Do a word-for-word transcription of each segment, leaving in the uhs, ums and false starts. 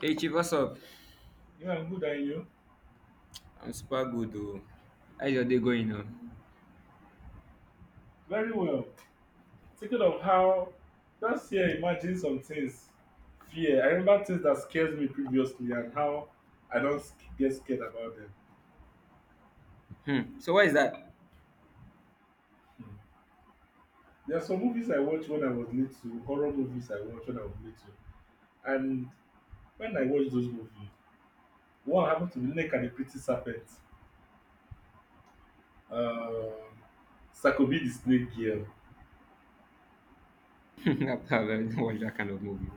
Hey Chief, what's up? Yeah, I'm good, and you? I'm super good though. How's your day going now? Very well. Thinking of how just here, imagine some things. Fear. I remember things that scares me previously and how I don't sc- get scared about them. Hmm. So why is that? Hmm. There are some movies I watched when I was little, horror movies I watched when I was little. And when I watched those movies, what happened to the Nick and the Pretty Serpent? Um, Sakobi the Snake Girl. After I've not watched that kind of movie.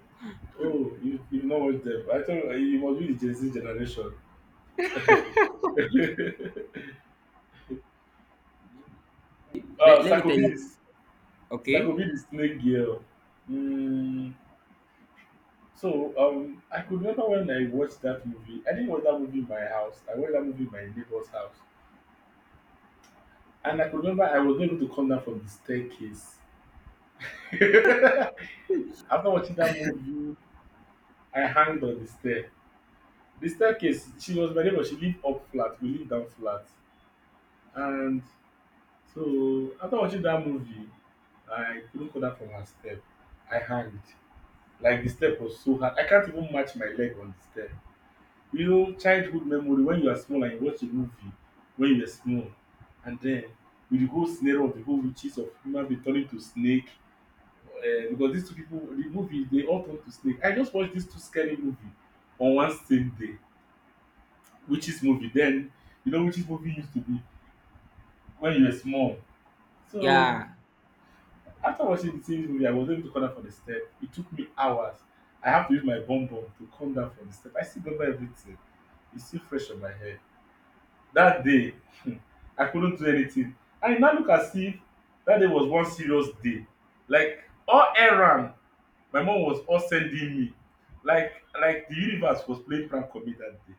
Oh, you, you've not watched them. I thought uh, you must be the Gen Z generation. uh, Let, let me tell Sakobi you. So I could Okay? be the snake girl. Mm, so um, I could remember when I watched that movie. I didn't watch that movie in my house. I watched that movie in my neighbor's house, and I could remember I was not able to come down from the staircase. After watching that movie, I hanged on the stair. The staircase. She was my neighbor. She lived up flat. We lived down flat, and so after watching that movie, I couldn't come down from her step. I hanged. Like the step was so hard. I can't even match my leg on the step. You know, childhood memory when you are small and you watch a movie when you were small, and then with the whole scenario of the whole witches of human being turning to snake, uh, because these two people, the movie, they all turn to snake. I just watched these two scary movie on one same day. Witches movie, then you know, witches movie used to be when you were small. So Yeah. after watching the same movie, I was able to come down from the step. It took me hours. I have to use my bum bum to come down from the step. I still remember everything. It's still fresh on my head. That day I couldn't do anything and e now look as if that day was one serious day, like all errand my mom was all sending me, like like the universe was playing prank on me that day.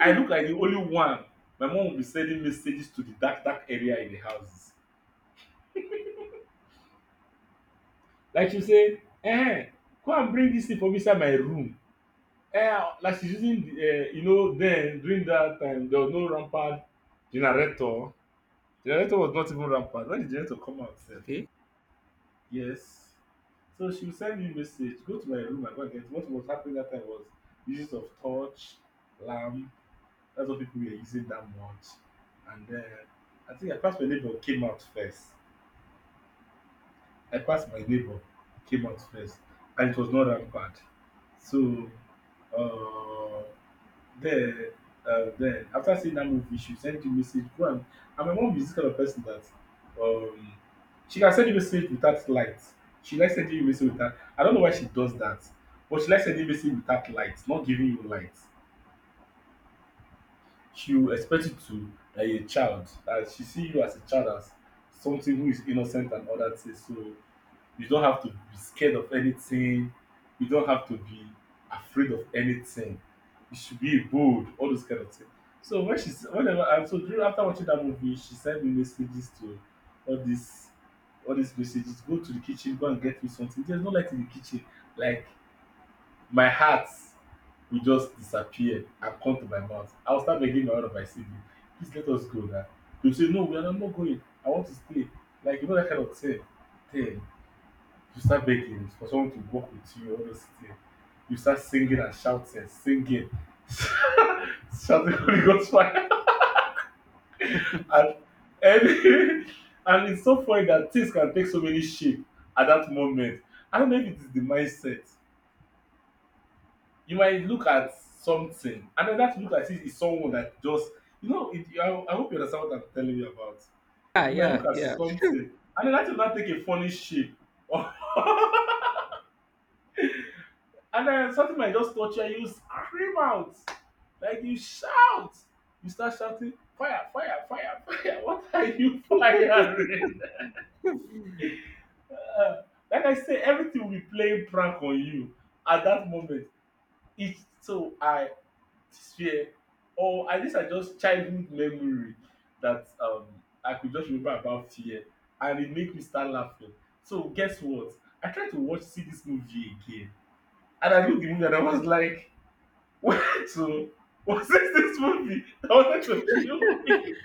I look like the only one my mom will be sending messages to the dark dark area in the houses. Like she say eh, go and bring this thing from inside my room. Eh, like she's using um you know then during that time there was no rampant generator. Generator was not even rampant when de generator come out sef. Okay. Yes. So she would send me a message, go to my room and go and get it. What was happening that time was uses of torch, lamp. That's what people were using that much. And then I think I passed my neighbor came out first. I passed my neighbor, came out first, and it was not rampered. So, uh, then, uh, then after seeing that movie, she sent you message. Go and, and my mom is this kind of person that um, she can send you message without light. She likes sending you message without. I don't know why she does that, but she likes sending message without light, not giving you light. She will expect you to that you're a child, that she see you as a child as something who is innocent and other things. So you don't have to be scared of anything. You don't have to be afraid of anything. You should be bold, all those kind of things. So when she s- whenever and so during after watching that movie, she sent me messages to all these all these messages. Go to the kitchen, go and get me something. There's no light in the kitchen. Like my heart will just disappear and come to my mouth. I'll start begging my one of my siblings, please let us go now. They'll say, no, we are not not going. I want to stay. Like you know that kind of thing. Thing you start begging for someone to walk with you, all those things. You start singing and shouting, singing, shouting Holy Ghost fire. And, and, and it's so funny that things can take so many shape at that moment. I don't know if it is the mindset. You might look at something, and then that look at it is someone that just, you know, it, I, I hope you understand what I'm telling you about. Yeah, You might yeah, look at yeah. something, and then that will not take a funny shape. And then something might just touch you and you scream out. Like you shout. You start shouting, fire, fire, fire, fire. What are you firing? Uh, like I say, everything will be playing prank on you at that moment. It's so I fear. Or at least I just childhood memory that um I could just remember about fear. And it make me start laughing. So guess what? I tried to watch see this movie again. And I looked at the movie and I was like, went to was this this movie that wanted to kill me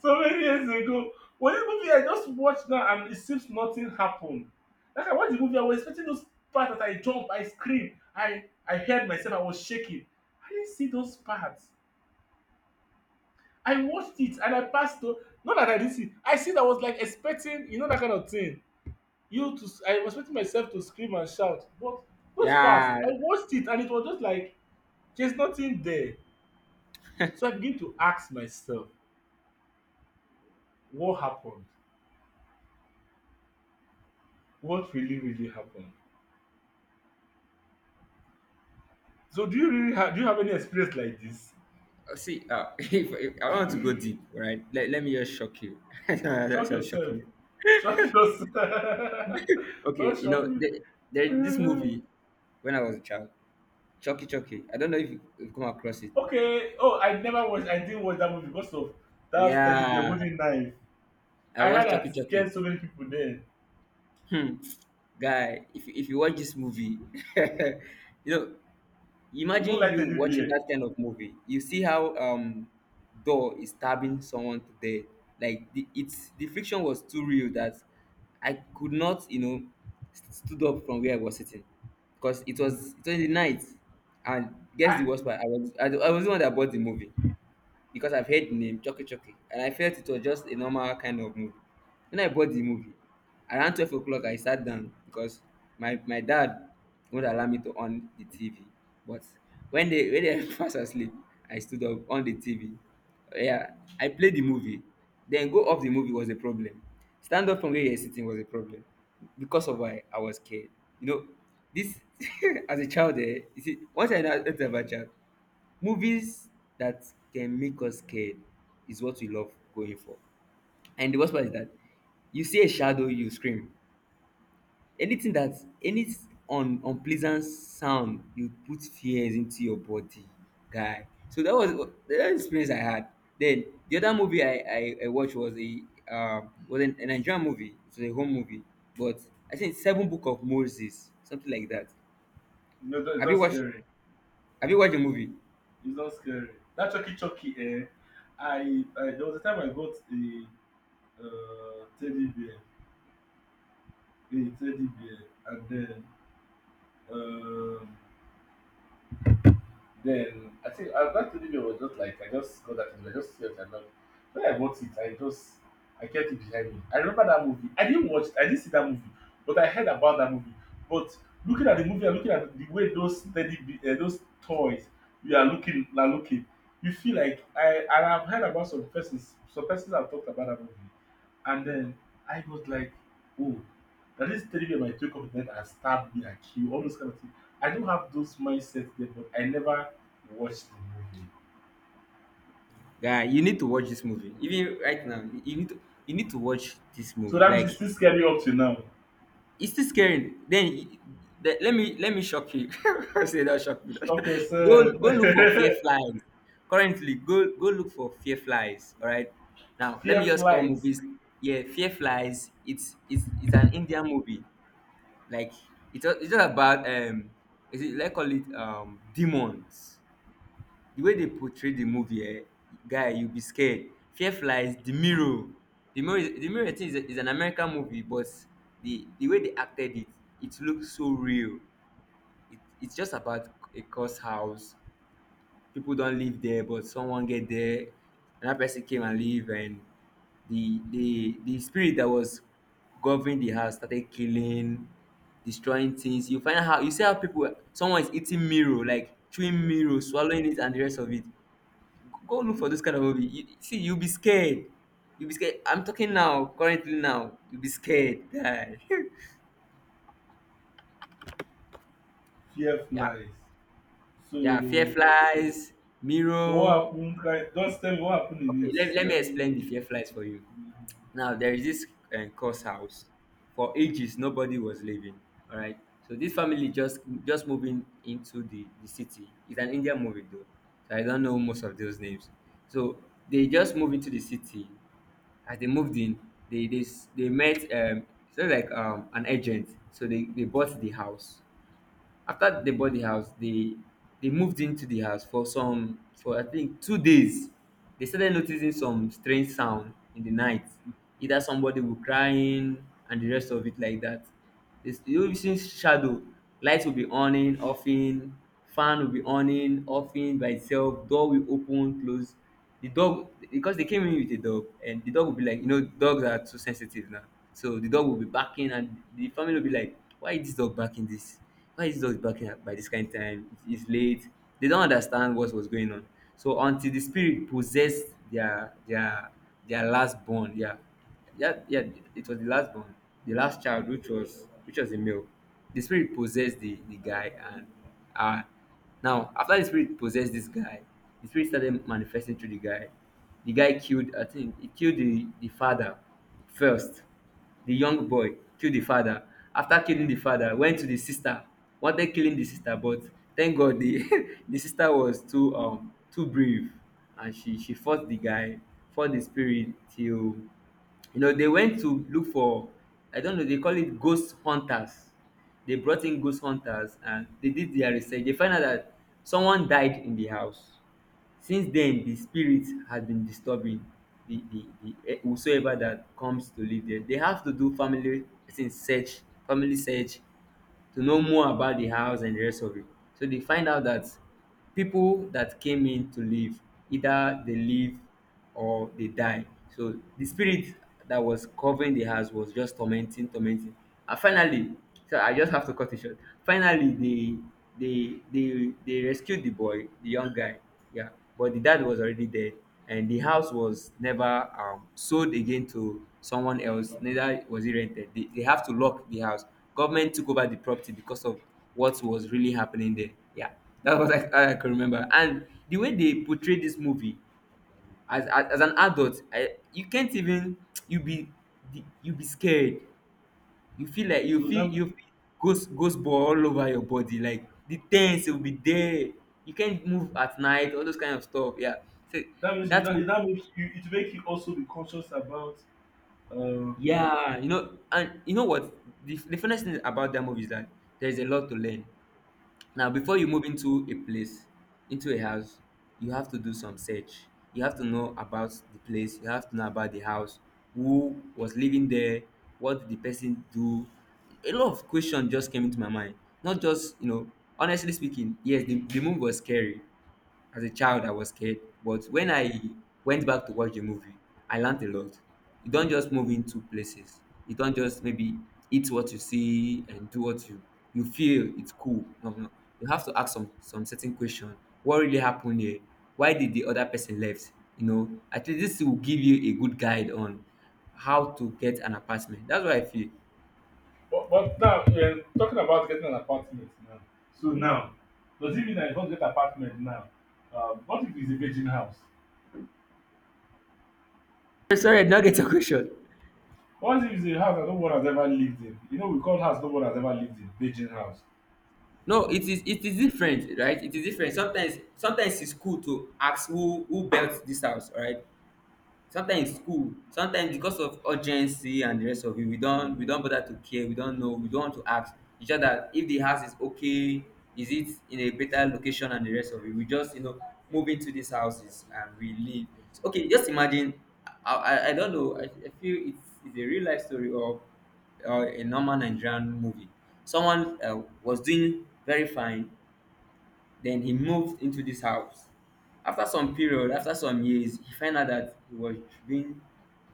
so many years ago? Was this movie I just watched now and it seems nothing happened? Like I watched the movie, I was expecting those parts that I jump, I scream, I I heard myself, I was shaking. I didn't see those parts. I watched it and I passed. Through. Not that I didn't see. I see that I was like expecting, you know, that kind of thing. You to, I was expecting myself to scream and shout, but those parts, Yeah. I watched it and it was just like there's nothing there. So I begin to ask myself, what happened? What really, really happened? So do you really have do you have any experience like this? Uh, See, uh, if, if I want to go deep, right? Let, let me just shock you. That's Shock just yourself. shocking you. Shock yourself. Okay, Don't you shock know, there, there this me. movie when I was a child. Chucky Chucky. I don't know if you- you've come across it. Okay. Oh, I never watched I didn't watch that movie because of that teddy bear Yeah. holding knife. I I heard watched Chucky that it Chucky. scared so many people then. Hmm. Guy, if, if you watch this movie, you know, You don't imagine like you teddy watching bear. that kind of movie. You see how um Door is stabbing someone to death. Like the it's the friction was too real that I could not, you know, st- stood up from where I was sitting because it Mhm. was it was the night, and I, guess the worst part, I was I, I was the one that bought the movie because I've heard the name Chucky Chucky and I felt it was just a normal kind of movie. When I bought the movie, around twelve o'clock, I sat down because my, my dad would allow me to on the T V. But when they when they fast asleep, I stood up on the T V. Yeah, I played the movie. Then go off the movie was a problem. Stand up from where you're sitting was a problem because of why I was scared. You know, this as a child, eh, you see, once I know I was a child, movies that can make us scared is what we love going for. And the worst part is that you see a shadow, you scream. Anything that any un, unpleasant sound, you put fears into your body, guy. So that was that experience I had. Then the other movie I, I, I watched was a uh, was an, a Nigerian movie. It was a home movie, but I think Seven Book of Moses, something like that. no, that- it's Have you not watched scary. Have you watched the movie? It's not scary. That Chucky Chucky, eh? I, I there was a time I got a uh, teddy bear, a teddy bear, and then Um, then I think uh, that T V was just like I just got that T V. I just felt I love. When I bought it, I just I kept it behind me. I remember that movie. I didn't watch. I didn't see that movie, but I heard about that movie. But looking at the movie and looking at the way those steady be- uh, those toys you are looking are looking, you feel like I and I've heard about some persons. Some persons have talked about that movie. And then I was like, oh, that is three people might wake up in the night and stab me and kill, all those kind of things. I don't have those mindsets there, but I never watched the movie. Guy, you need to watch this movie. Even right now, you, you need to you need to watch this So movie. that means it's Like still scared me up to now. it's still scary. Then y- the- let me let me shock you. I say that shock me. Stop Go yourself. go look for fear flies. Currently, go go look for fear flies. All right. Now let me Fear just call flies. movies. Yeah, fear flies. It's it's it's an Indian movie. Like it's a- it's just about um. Is it like call it um demons? The way they portray the movie, um guy, you will be scared. Fear flies, the mirror. The mirror is- the mirror, I think, is a- is an American movie, but the the way they acted it, it looks so real. It it's just about a cursed house. People don't live there, but someone get there, another person came and live. And the the the spirit that was governing the house started killing, destroying things. You find out how, you see how people, someone is eating mirror, like chewing mirror, swallowing it and the rest of it. Go look Hmm. for this kind of movie. You see, you'll be scared. You'll be scared. I'm talking now, currently now. You'll be scared, guy. Fear Yeah, flies. yeah. Fear So flies, so what mirror. happened? Like, just tell me what happened in Okay, let, it. let me Let me, explain the fear flies for you. Now there is this uh, course house. For ages, nobody was living. All right. So this family just just moving into the the city. It's an Indian movie though, so I don't know most of those names. So they just move into the city. As they moved in, they they, s- they met um so like um an agent. So they, they bought the house. After they bought the house, they they moved into the house for some for I think two days. They started noticing some strange sound in the night, either somebody will crying and the rest of it, like that this you using shadow, light will be on in off in, fan will be on in off in by itself, door will open close. The dog, because they came in with a dog, and the dog will be like, you know, dogs are too sensitive now. So the dog will be barking and the family will be like, why is this dog barking? This Why is this dog barking at- by this kind of time? It is late. They don't understand what was going on. So until the spirit possessed their their their last born. Yeah, yeah, yeah. It was the last born, the last child, which was which was a male. The spirit possessed the the guy, and uh now after the spirit possessed this guy, the spirit started manifesting through the guy. The guy killed, I think he killed the the father first. The young boy killed the father. After killing the father, went to the sister, wanted killing the sister, but thank God, the the sister was too um too brave, and she she fought the guy, fought the spirit till, you know, they went to look for, I don't know, they call it ghost hunters. They brought in ghost hunters, and they did their research. They find out that someone died in the house. Since then, the spirit has been disturbing the the the eh, whosoever that comes to live there. They have to do family person search, family search to know more about the house and the rest of it. So they find out that people that came in to live, either they live or they die. So the spirit that was covering the house was just tormenting, tormenting. And finally, so I just have to cut it short. Finally, they they they they rescued the boy, the young guy. Yeah, but the dad was already dead, and the house was never um, sold again to someone else. Neither was it rented. They, they have to lock the house. Government took over the property because of what was really happening there. Yeah, that was like I can remember. And the way they portrayed this movie, as as as an adult, I, you can't even you be the- you be scared. You feel like you so feel that mean- you feel ghost ghost ball all over your body, like the ten will be there. You can't move at night, all those kind of stuff. Yeah, so that means you that that, movie. that makes you it make you also be conscious about um Yeah, you know, and you know what, the the funniest thing about that movie is that there's a lot to learn. Now, before you move into a place, into a house, you have to do some search. You have to know about the place. You have to know about the house, who was living there, what did the person do. A lot of questions just came into my mind. Not just, you know, honestly speaking, yes, the the move was scary. As a child, I was scared, but when I went back to watch the movie, I learned a lot. You don't just move into places. You don't just maybe eat what you see and do what you you feel it's cool. No, no. You have to ask some some certain question. What really happened here? Why did the other person left? You know, at least this will give you a good guide on how to get an apartment. That's what I feel. But, but now we're talking about getting an apartment now. So now, does it mean that you don't get apartment now? Um, what if it's a virgin house? Sorry, I did not get your question. What if it's a house that no one has ever lived in? You know, we call house no one has ever lived in virgin house. No, it is it is different, right? It is different. Sometimes sometimes it's cool to ask who who built this house, right? Sometimes school, sometimes because of urgency and the rest of it, we don't we don't bother to care, we don't know, we don't want to ask. E just that, if the house is okay, is it in a better location and the rest of it, we just, you know, move into these houses and we live. So, okay, just imagine, i i, I don't know, I, I feel it's, it's a real life story of uh, a normal Nigerian movie. Someone, uh, was doing very fine, then he moved into this house. After some period, after some years, he found out that he was being,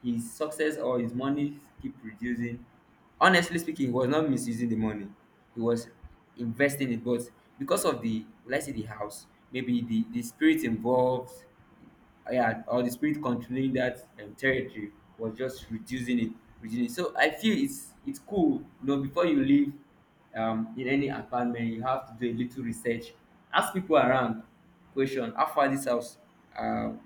his success or his money keep reducing. Honestly speaking, he was not misusing the money. He was investing it, but because of the, let's say the house, maybe the the spirit involved, yeah, or the spirit controlling that um, territory was just reducing it, reducing it. So I feel it's it's cool. You know, before you leave um, in any apartment, you have to do a little research, ask people around, question, how far this house, um,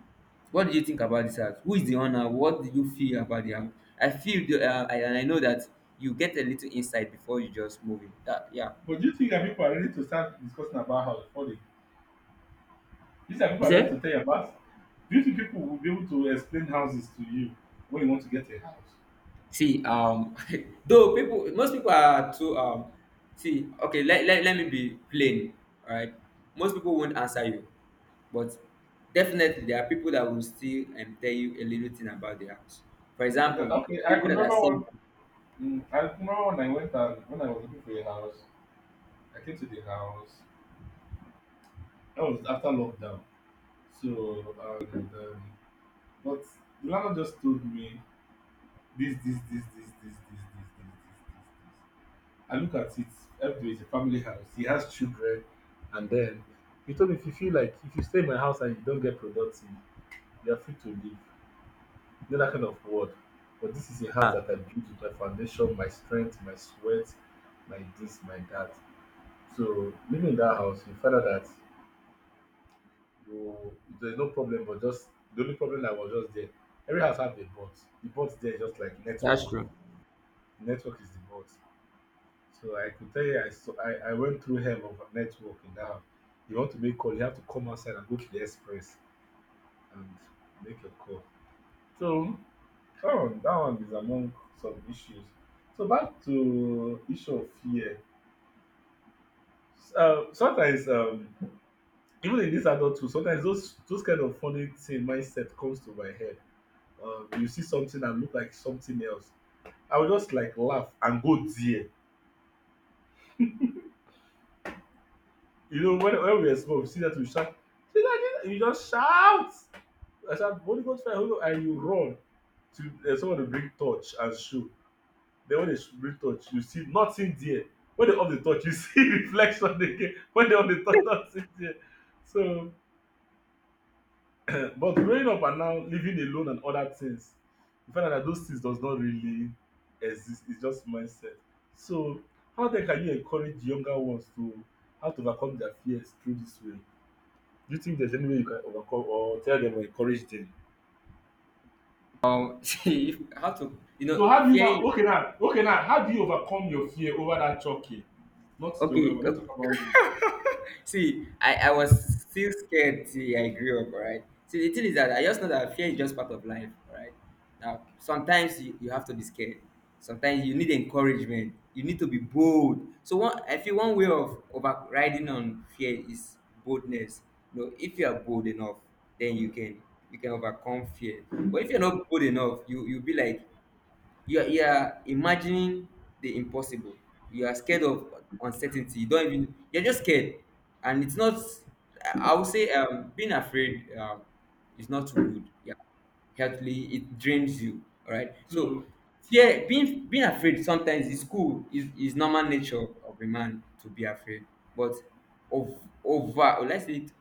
what do you think about this house? Who is the owner? What do you feel about the house? I feel the, uh, I, and I know that you get a little insight before you just move in. That, yeah. But do you think that people are ready to start discussing about house before they? Do you think that people Is are ready it? to tell you about? Do you think people will be able to explain houses to you when you want to get a house? See, um, though people, most people are too, um, see, okay, let, let, let me be plain, all right? Most people won't answer you, but definitely there are people that will still um, tell you a little thing about their house. For Yeah, example, okay, I could people that are remember one. selling. mm, I remember when I went and when I was looking for a house, I came to the house. That was after lockdown. So, and um, but Milano just told me this, this, this, this, this, this, this, this, this, this, this. I look at it. Everybody is a family house. He has children, and then he told me if you feel like if you stay in my house and you don't get productive, you are free to leave. You know that kind of word. But this is a house that I built with my foundation, my strength, my sweat, my this, my that. So living in that house, you find out that you there's no problem but just the only problem that was just there. Every house have a bot. The bot there is just like network That's true. network is the bot. So I could tell you i saw i, I went through hell of a network in that house. You want to make call, you have to come outside and go to the express and make your call. So that one that one is among some issues. So back to issue of fear. Uh, sometimes, um even in this adulthood, sometimes those those kind of funny thing mindset comes to my head. Um, you see something that look like something else. I would just like laugh and go there. You know, when, when we were small, we see that we shout, "See that thing?" You just shout. I shout, "Holy Ghost fire, Holy Ghost," and you run to uh, someone to bring torch and shoe. Then when they sh- bring torch, you see nothing there. When they off the torch, you see reflection again. When they off the torch, nothing there. So But growing up and now living alone and other things, you find out that those things does not really exist. It's just mindset. So how then can you encourage younger ones to how to overcome their fears through this way? Do you think there's any way you can overcome or tell them or encourage them? Um, see, if- how to, you So know, how do you now, fear. okay, now, okay, now, how do you overcome your fear over that choking? Not younger Okay, one. Let's talk okay, about you. See, I, I was still scared till I grew up, all right? See, the thing is that I just know that fear is just part of life, all right? Now, sometimes you, you have to be scared. Sometimes you need encouragement. You need to be bold. So one, I feel one way of overriding on fear is boldness. You know, if you are bold enough, then you can you can overcome fear. But if you're not bold enough, you you'll be like you are, you are imagining the impossible, you are scared of uncertainty, you don't even, you're just scared, and it's not, i I would say um being afraid um is not too good, yeah, healthily it drains you, all right. So So fear, being being afraid sometimes is cool, is is normal nature of a man to be afraid, but over over let's say it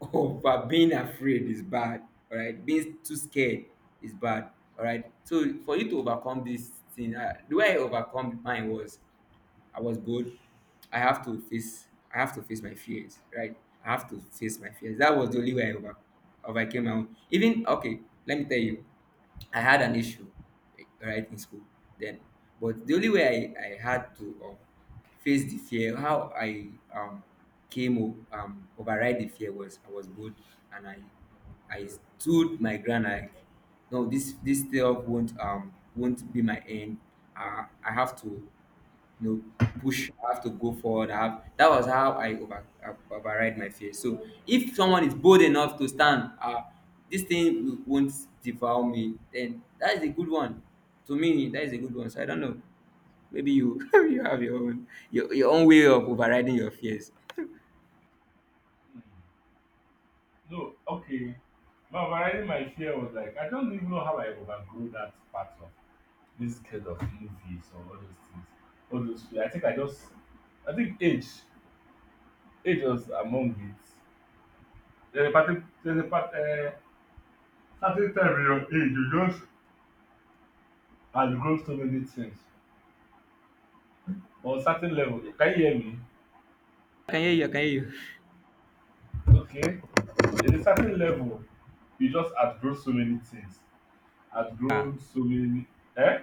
over being afraid is bad, all right. Being too scared is bad, all right. So for you to overcome this thing, uh, the way I overcome mine was I was bold. I have to face I have to face my fears, right? I have to face my fears. That was the only way I over, overcame my own. Even okay, let me tell you, I had an issue, right, in school then. But the only way I, I had to um, face the fear, how I um, came o- um, override the fear was I was bold and I I stood my ground like, no, this this stuff won't um won't be my end. Uh, I have to, you know, push, I have to go forward, I have, that was how i over uh, override my fear. So if someone is bold enough to stand, uh this thing w- won't devour me, then that is a good one. To me that is a good one. So I don't know, maybe you you have your own, your, your own way of overriding your fears. mm, no, okay. My overriding my fear was like I don't even know how I overgrew that part of this kind of movies or all those things. All those feelings. I think I just I think age age was among it. There's a party there's a part, uh, certain time in your age you just outgrow so many things. On certain level, can you hear me? I can hear you i can hear you Okay. There's a certain level you just outgrow so many things. yeah Outgrown so many. Eh?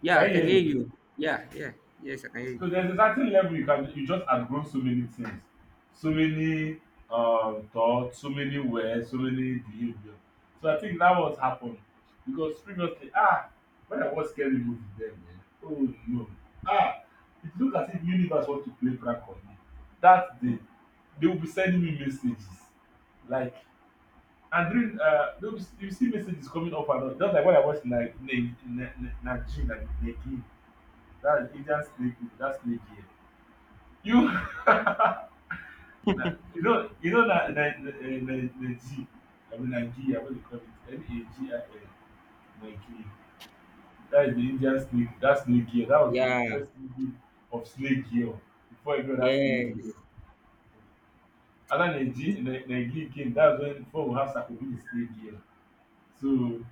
yeah, Can i you can hear hear me? you. Yeah yeah Yes, I can hear you. So there's a certain level you can you just have grown so many things, so many um thoughts, so many words, so many behavior. So I think that was happened because previously, ah when I watch scary movie, then, eh oh no, ah it look as if universe want to play prank on me. That day they will be sending me messages like, and during, uh they will be— you see messages coming up and down just like when I watch na na na na Najin na Nageem, that Indian snake movie, that snake girl. You na, you know you know na na na, eh, na Naiji, I mean Nigeria, what they call it, N A G I N, Nigeria. That is the Indian snake, that snake girl, that was the Yeah. first movie of snake girl before, you know, that snake girl. Yes. After Naiji Nigeria came, that's when, before we have Sakobi the snake girl. So,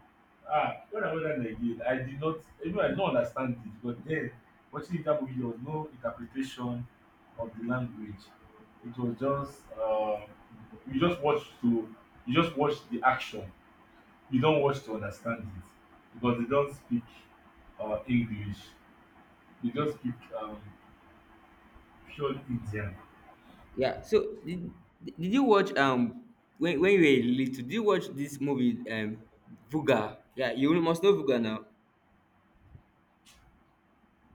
ah, when I watch that again, I did not, even I did not understand it, but then watching that movie, there was no interpretation of the language. It was just, um, you just watch to, you just watch the action. You don't watch to understand it because they don't speak uh, English. They just speak um, pure Indian. Yeah. So did, did you watch um when when you were little? Did you watch this movie um Vuga? Yeah, you must know Vuga now.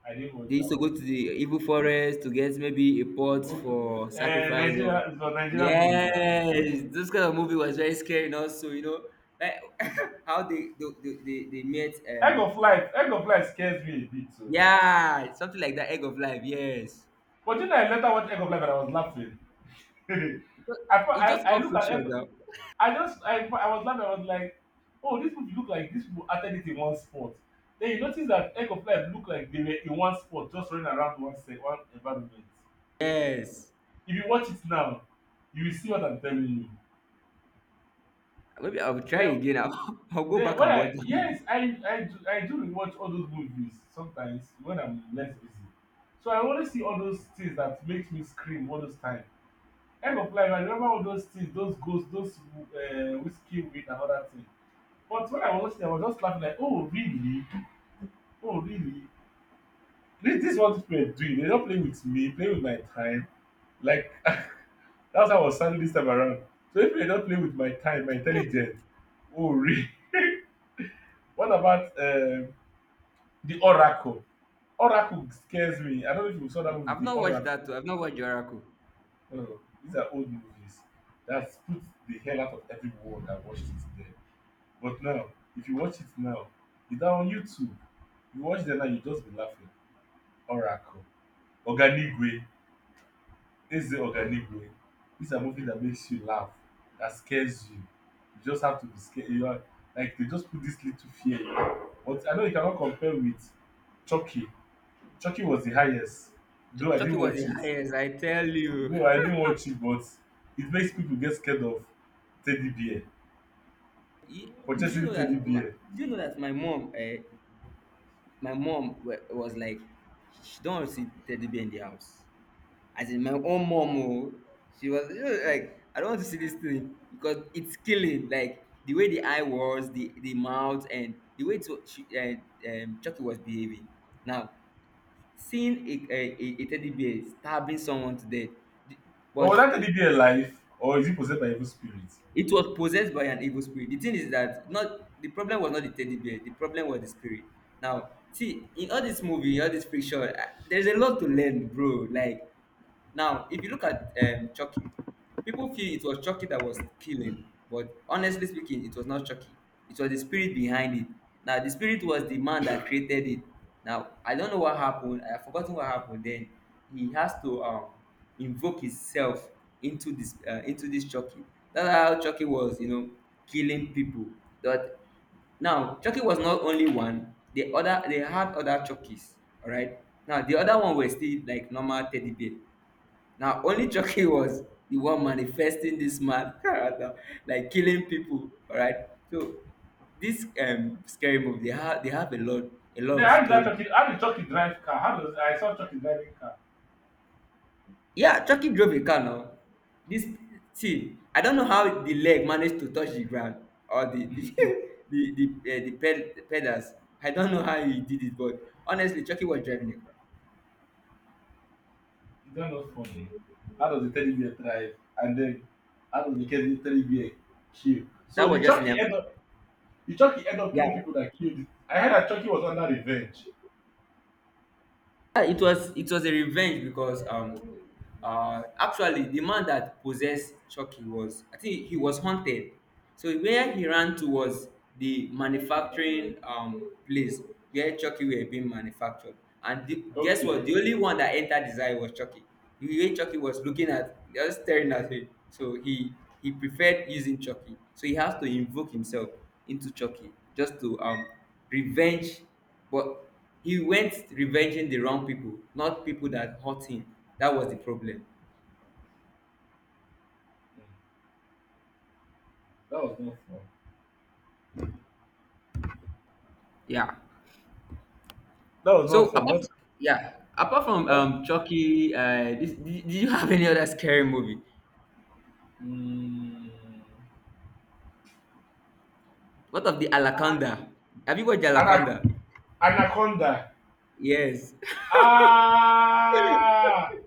I didn't watch They that used to go to one. the evil forest to get maybe a pot Okay. for Uh, sacrifice or, Nigeria, it's a Nigerian movie now. yes, this kind of movie was very scary. And also, you know, like how they they, they, they they met Egg um, of Life, Egg of Life scares me a bit so. yeah, something like that, egg of life. Yes. But then I later watched Egg of Life and I was laughing. But I, fo- it's I just I all look at fiction Egg, now. I just I, I was laughing. I was like, oh, these people look like— these people acted it in one spot. Then you notice that Egg of Life look like they were in one spot, just running around one se- one environment. Yes. If you watch it now, you will see what I'm telling you. Maybe I'll try Then again. I'll, I'll go then back when and I watch that movie. yes, I I do I do rewatch all those movies sometimes when I'm less busy. So I always see all those things that makes me scream all those times. End of Life, I remember all those things, those ghosts, those um whiskey weed and other things. But when I was watching, I was just laughing like, oh really, oh really, this this is what these people are doing. They don play with me, play with my time, like that's how I was sounding this time around. So if they don play with my time, my intelligence. Oh really. What about um the oracle? Oracle scares me. I don't know if you saw that movie, I've the not watched Oracle. that too. I've not watched Juraku. Oh, these are old movies that put the hell out of everyone that watched it there. But now, if you watch it now, it's on YouTube. You watch them now, you just be laughing. Oracle, Oganigwe, Eze Oganigwe. These are movies that makes you laugh, that scares you. You just have to be scared. You are like they just put this little fear in you. But I know you cannot compare with Chucky. Chucky was the highest, though I Chucky didn't was the watch it. highest, I tell you. Though I didn't watch it, but it makes people get scared of teddy bear, Y- Do you purchasing know that? teddy My, bear. do you know that my mom? Uh, my mom wa- was like, she don't want to see teddy bear in the house. As in my own mom, oh, she was, you know, like, I don't want to see this thing because it's killing. Like the way the eye was, the the mouth, and the way to she, uh, um, Chucky was behaving. Now seeing a, a, a a teddy bear stabbing someone to death, the- But was but, that teddy bear alive, or is it possessed by evil spirits? it was possessed by an evil spirit. The thing is that, not, the problem was not the teddy bear. The problem was the spirit. Now, see, in all this movie, all this picture, I- there's a lot to learn, bro. Like now, if you look at um, Chucky, people feel it was Chucky that was killing, but honestly speaking, it was not Chucky. It was the spirit behind it. Now, the spirit was the man that created it. Now, I don't know what happened. I've forgotten what happened. Then he has to um, invoke himself into this uh, into this Chucky. That's how Chucky was, you know, killing people. But now Chucky was not only one. The other they had other Chuckies. All right. Now the other one was still like normal teddy bear. Now, only Chucky was the one manifesting this mad character, like killing people. All right. So this um scary movie, they have they have a lot, a lot Then of how does that story. Turkey, how does Turkey drive car? How does— I saw Turkey driving car. Yeah, Chucky drove a car now. This, see, I don't know how the leg managed to touch the ground or the the the the, uh, the, ped, the pedals. I don't know how he did it, but honestly, Chucky was driving a car. Is that not funny? How does the teddy bear drive? And then how does the teddy teddy bear kill? So That the was just in Turkey a, end up the Turkey end up killing yeah. people that killed. I heard that Turkey was under revenge. Yeah, it was it was a revenge because um uh actually the man that possessed Chucky was, I think he was haunted. So where he ran to was the manufacturing um place where Chucky were being manufactured. And the, guess what? Okay, The only one that entered his eye was Chucky. The way Chucky was looking at, just staring at him. So he he preferred using Chucky. So he has to invoke himself into Chucky just to um revenge, but he went revenging the wrong people, not people that hurt him. That was the problem. that was not fun. Yeah. That was not So fun. apart, Not yeah, apart from not. um Chucky, uh, this, did, did you have any other scary movie? Mm, What of the Alaconda? Have you watched the Ana- Alaconda? anaconda. Yes. Ah,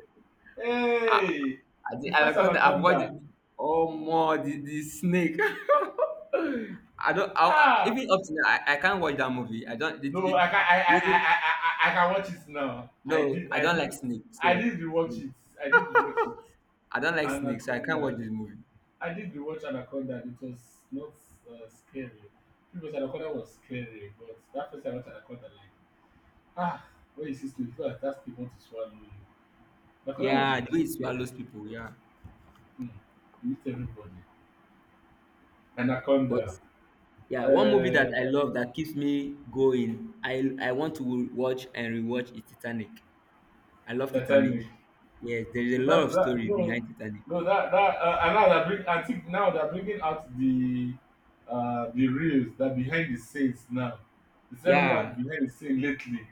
uh, hey, the the first Alaconda, I've watched it. anaconda. Oh more the, the snake. I don't. I, I- Ah. even up to now, I, I can't watch that movie. I don't. The, No, no, the, I can the I I I reason, I I I can watch it now. I no, did I I don't did like snake. I So did rewatch it. I did rewatch it. I don't like snakes, so I can't watch Anaconda. this movie. I did rewatch Anaconda and it was not uh, scary. Because Anaconda was scary, but that first time I watched Anaconda, like, ah when this? It's like that's the one to swallow you. Anaconda was a Yeah, the bit way it scary. swallows people. Yeah, Hmm. You meet everybody. but Anaconda. yeah, one movie that Uh I love that keeps me going, I I want to watch and rewatch is Titanic. I love Titanic. Titanic. Yes, there is a lot That, of that, story no, behind Titanic. no, that, that, uh, and now they're bring, I think now they're bringing out the, uh, the reels that behind the scenes now. It's bringing out Yeah. behind the scene lately,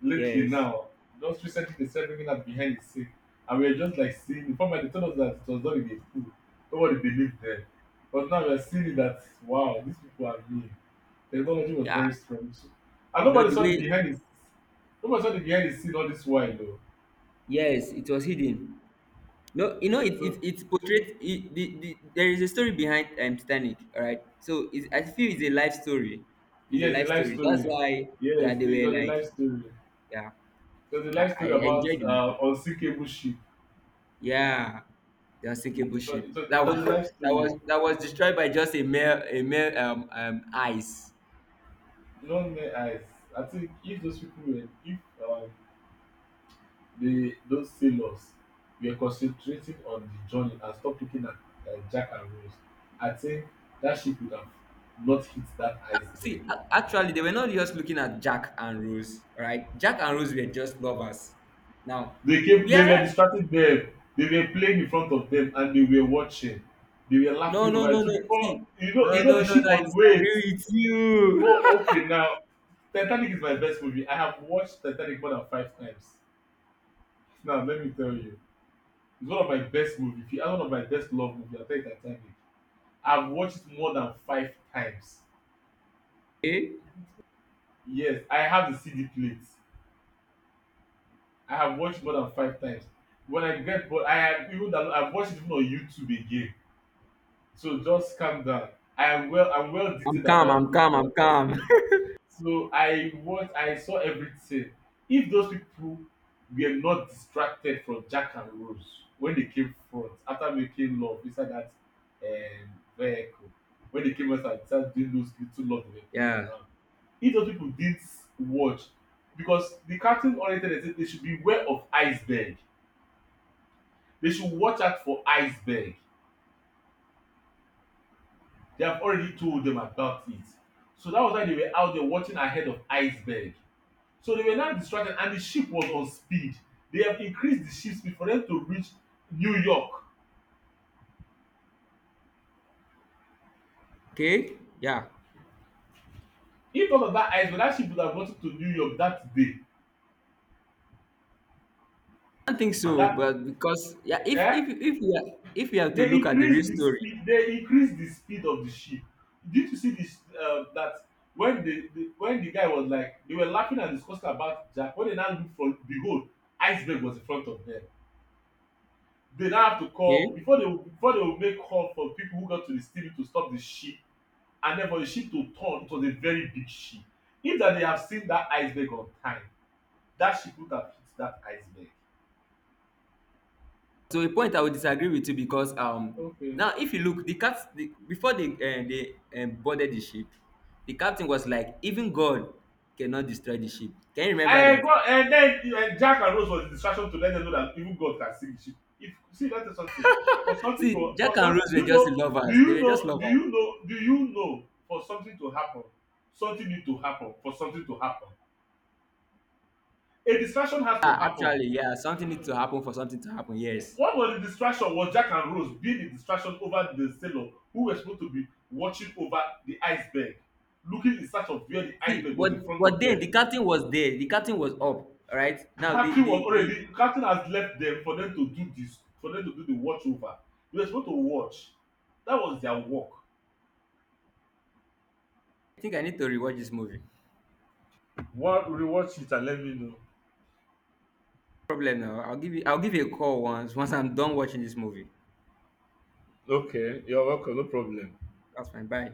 lately Yes. now. Just recently they started bringing out behind the scene, and we are just like seeing. The format, they told us that it was done in a pool. Nobody believed them, but now we are seeing that wow, these people are mean. Technology was Yeah. very strong too, and You know nobody the saw the way. behind the, nobody saw the behind the scene all this while though. Yes, it was hidden. No, you know it. So, It, it's portrayed. It, the, the, there is a story behind um, Titanic. All right. So it's, I feel it's a life story. It's a yes, a life life story. That's story. why. Yeah, Yes, they it were was a life like. story. Yeah. It was a I, life I story about enjoyed the movie. uh, unsinkable ship. Yeah, the unsinkable Mm, it, was, ship. it, was, it That was was a life that story. was that was destroyed by just a mere a mere um, um ice. No mere eyes. I think if those people were, if uh, they, those sailors were concentrating on the journey and stopped looking at, uh, Jack and Rose, I think that ship would have not hit that iceberg. See, a- actually, they were not just looking at Jack and Rose. Right, Jack and Rose were just lovers. Now, They came. They were yeah, distracting them. They were playing in front of them and they were watching. They were no, laughing no, over no, it. So no. before See, you know, you no, know, the no, no, ship no, I was— wait. disagree with you. Oh, okay. Now, Titanic is my best movie. I have watched Titanic more than five times. Now, let me tell you, it's one of my best movies. If you ask one of my best love movie, I'll tell you Titanic. I've watched it more than five times. Okay, Yes, I have the C D plate. I have watched more than five times. When I get bored, I have even download- I've watched it even on YouTube again. So just calm down. I am well. I'm well I'm detailed calm. about I'm it calm. all. I'm calm. So I watch I saw everything. If those people were not distracted from Jack and Rose when they came front after making love inside that, um, vehicle, when they came out and started doing those little love they were playing Yeah. around, if those people didn't watch, because the cartoon oriented, they say they should be aware of iceberg. They should watch out for iceberg. They have already told them about it. So that was why they were out there watching ahead of iceberg. So they were now distracted, and the ship was on speed. They have increased the ship speed for them to reach New York. Okay. Yeah. If not of that iceberg, that ship would have gotten to New York that day. I don't think so, That, but because yeah, if eh? if if we are, if we have to They look at the real increased the story, speed. They increased the speed of the ship. Did you see this? Uh, that when the, the when the guy was like, they were laughing and discussing about Jack. When they now look for, behold, iceberg was in front of them. They now have to okay, call before they would- before they will make call for people who got to the steering to stop the ship, and then for the ship to turn, it was a very big ship. If that they have seen that iceberg on time, that ship would have hit that iceberg. to a point I would disagree with you because um Okay. now if you look the cat the, before they um, they um, boarded the ship, the captain was like even God cannot destroy the ship, can you remember And that? God, and then, uh, Jack and Rose was a distraction to let them know that even God can sink the ship. If see, let me tell you something. For something See, to Jack for and something— Rose do were you just know do lovers, they you were just know do lovers. you know do you know, for something to happen, something need to happen. For something to happen, a distraction has to Ah, happen. actually yeah, something needs to happen for something to happen, yes. What was the distraction? Was Jack and Rose being the distraction over the sailor who were supposed to be watching over the iceberg, looking in search of where the See, iceberg was but in front of but them. then the captain was there, the captain was up, all right. Now the Captain was the the already Captain has left them for them to do this, for them to do the watch over. They were supposed to watch. That was their work. I think I need to rewatch this movie. No Wa rewatch it and let me know. problem. Now I'll give you, I'll give you a call once, once I'm done watching this movie. Okay, you're welcome, no problem. That's fine, bye.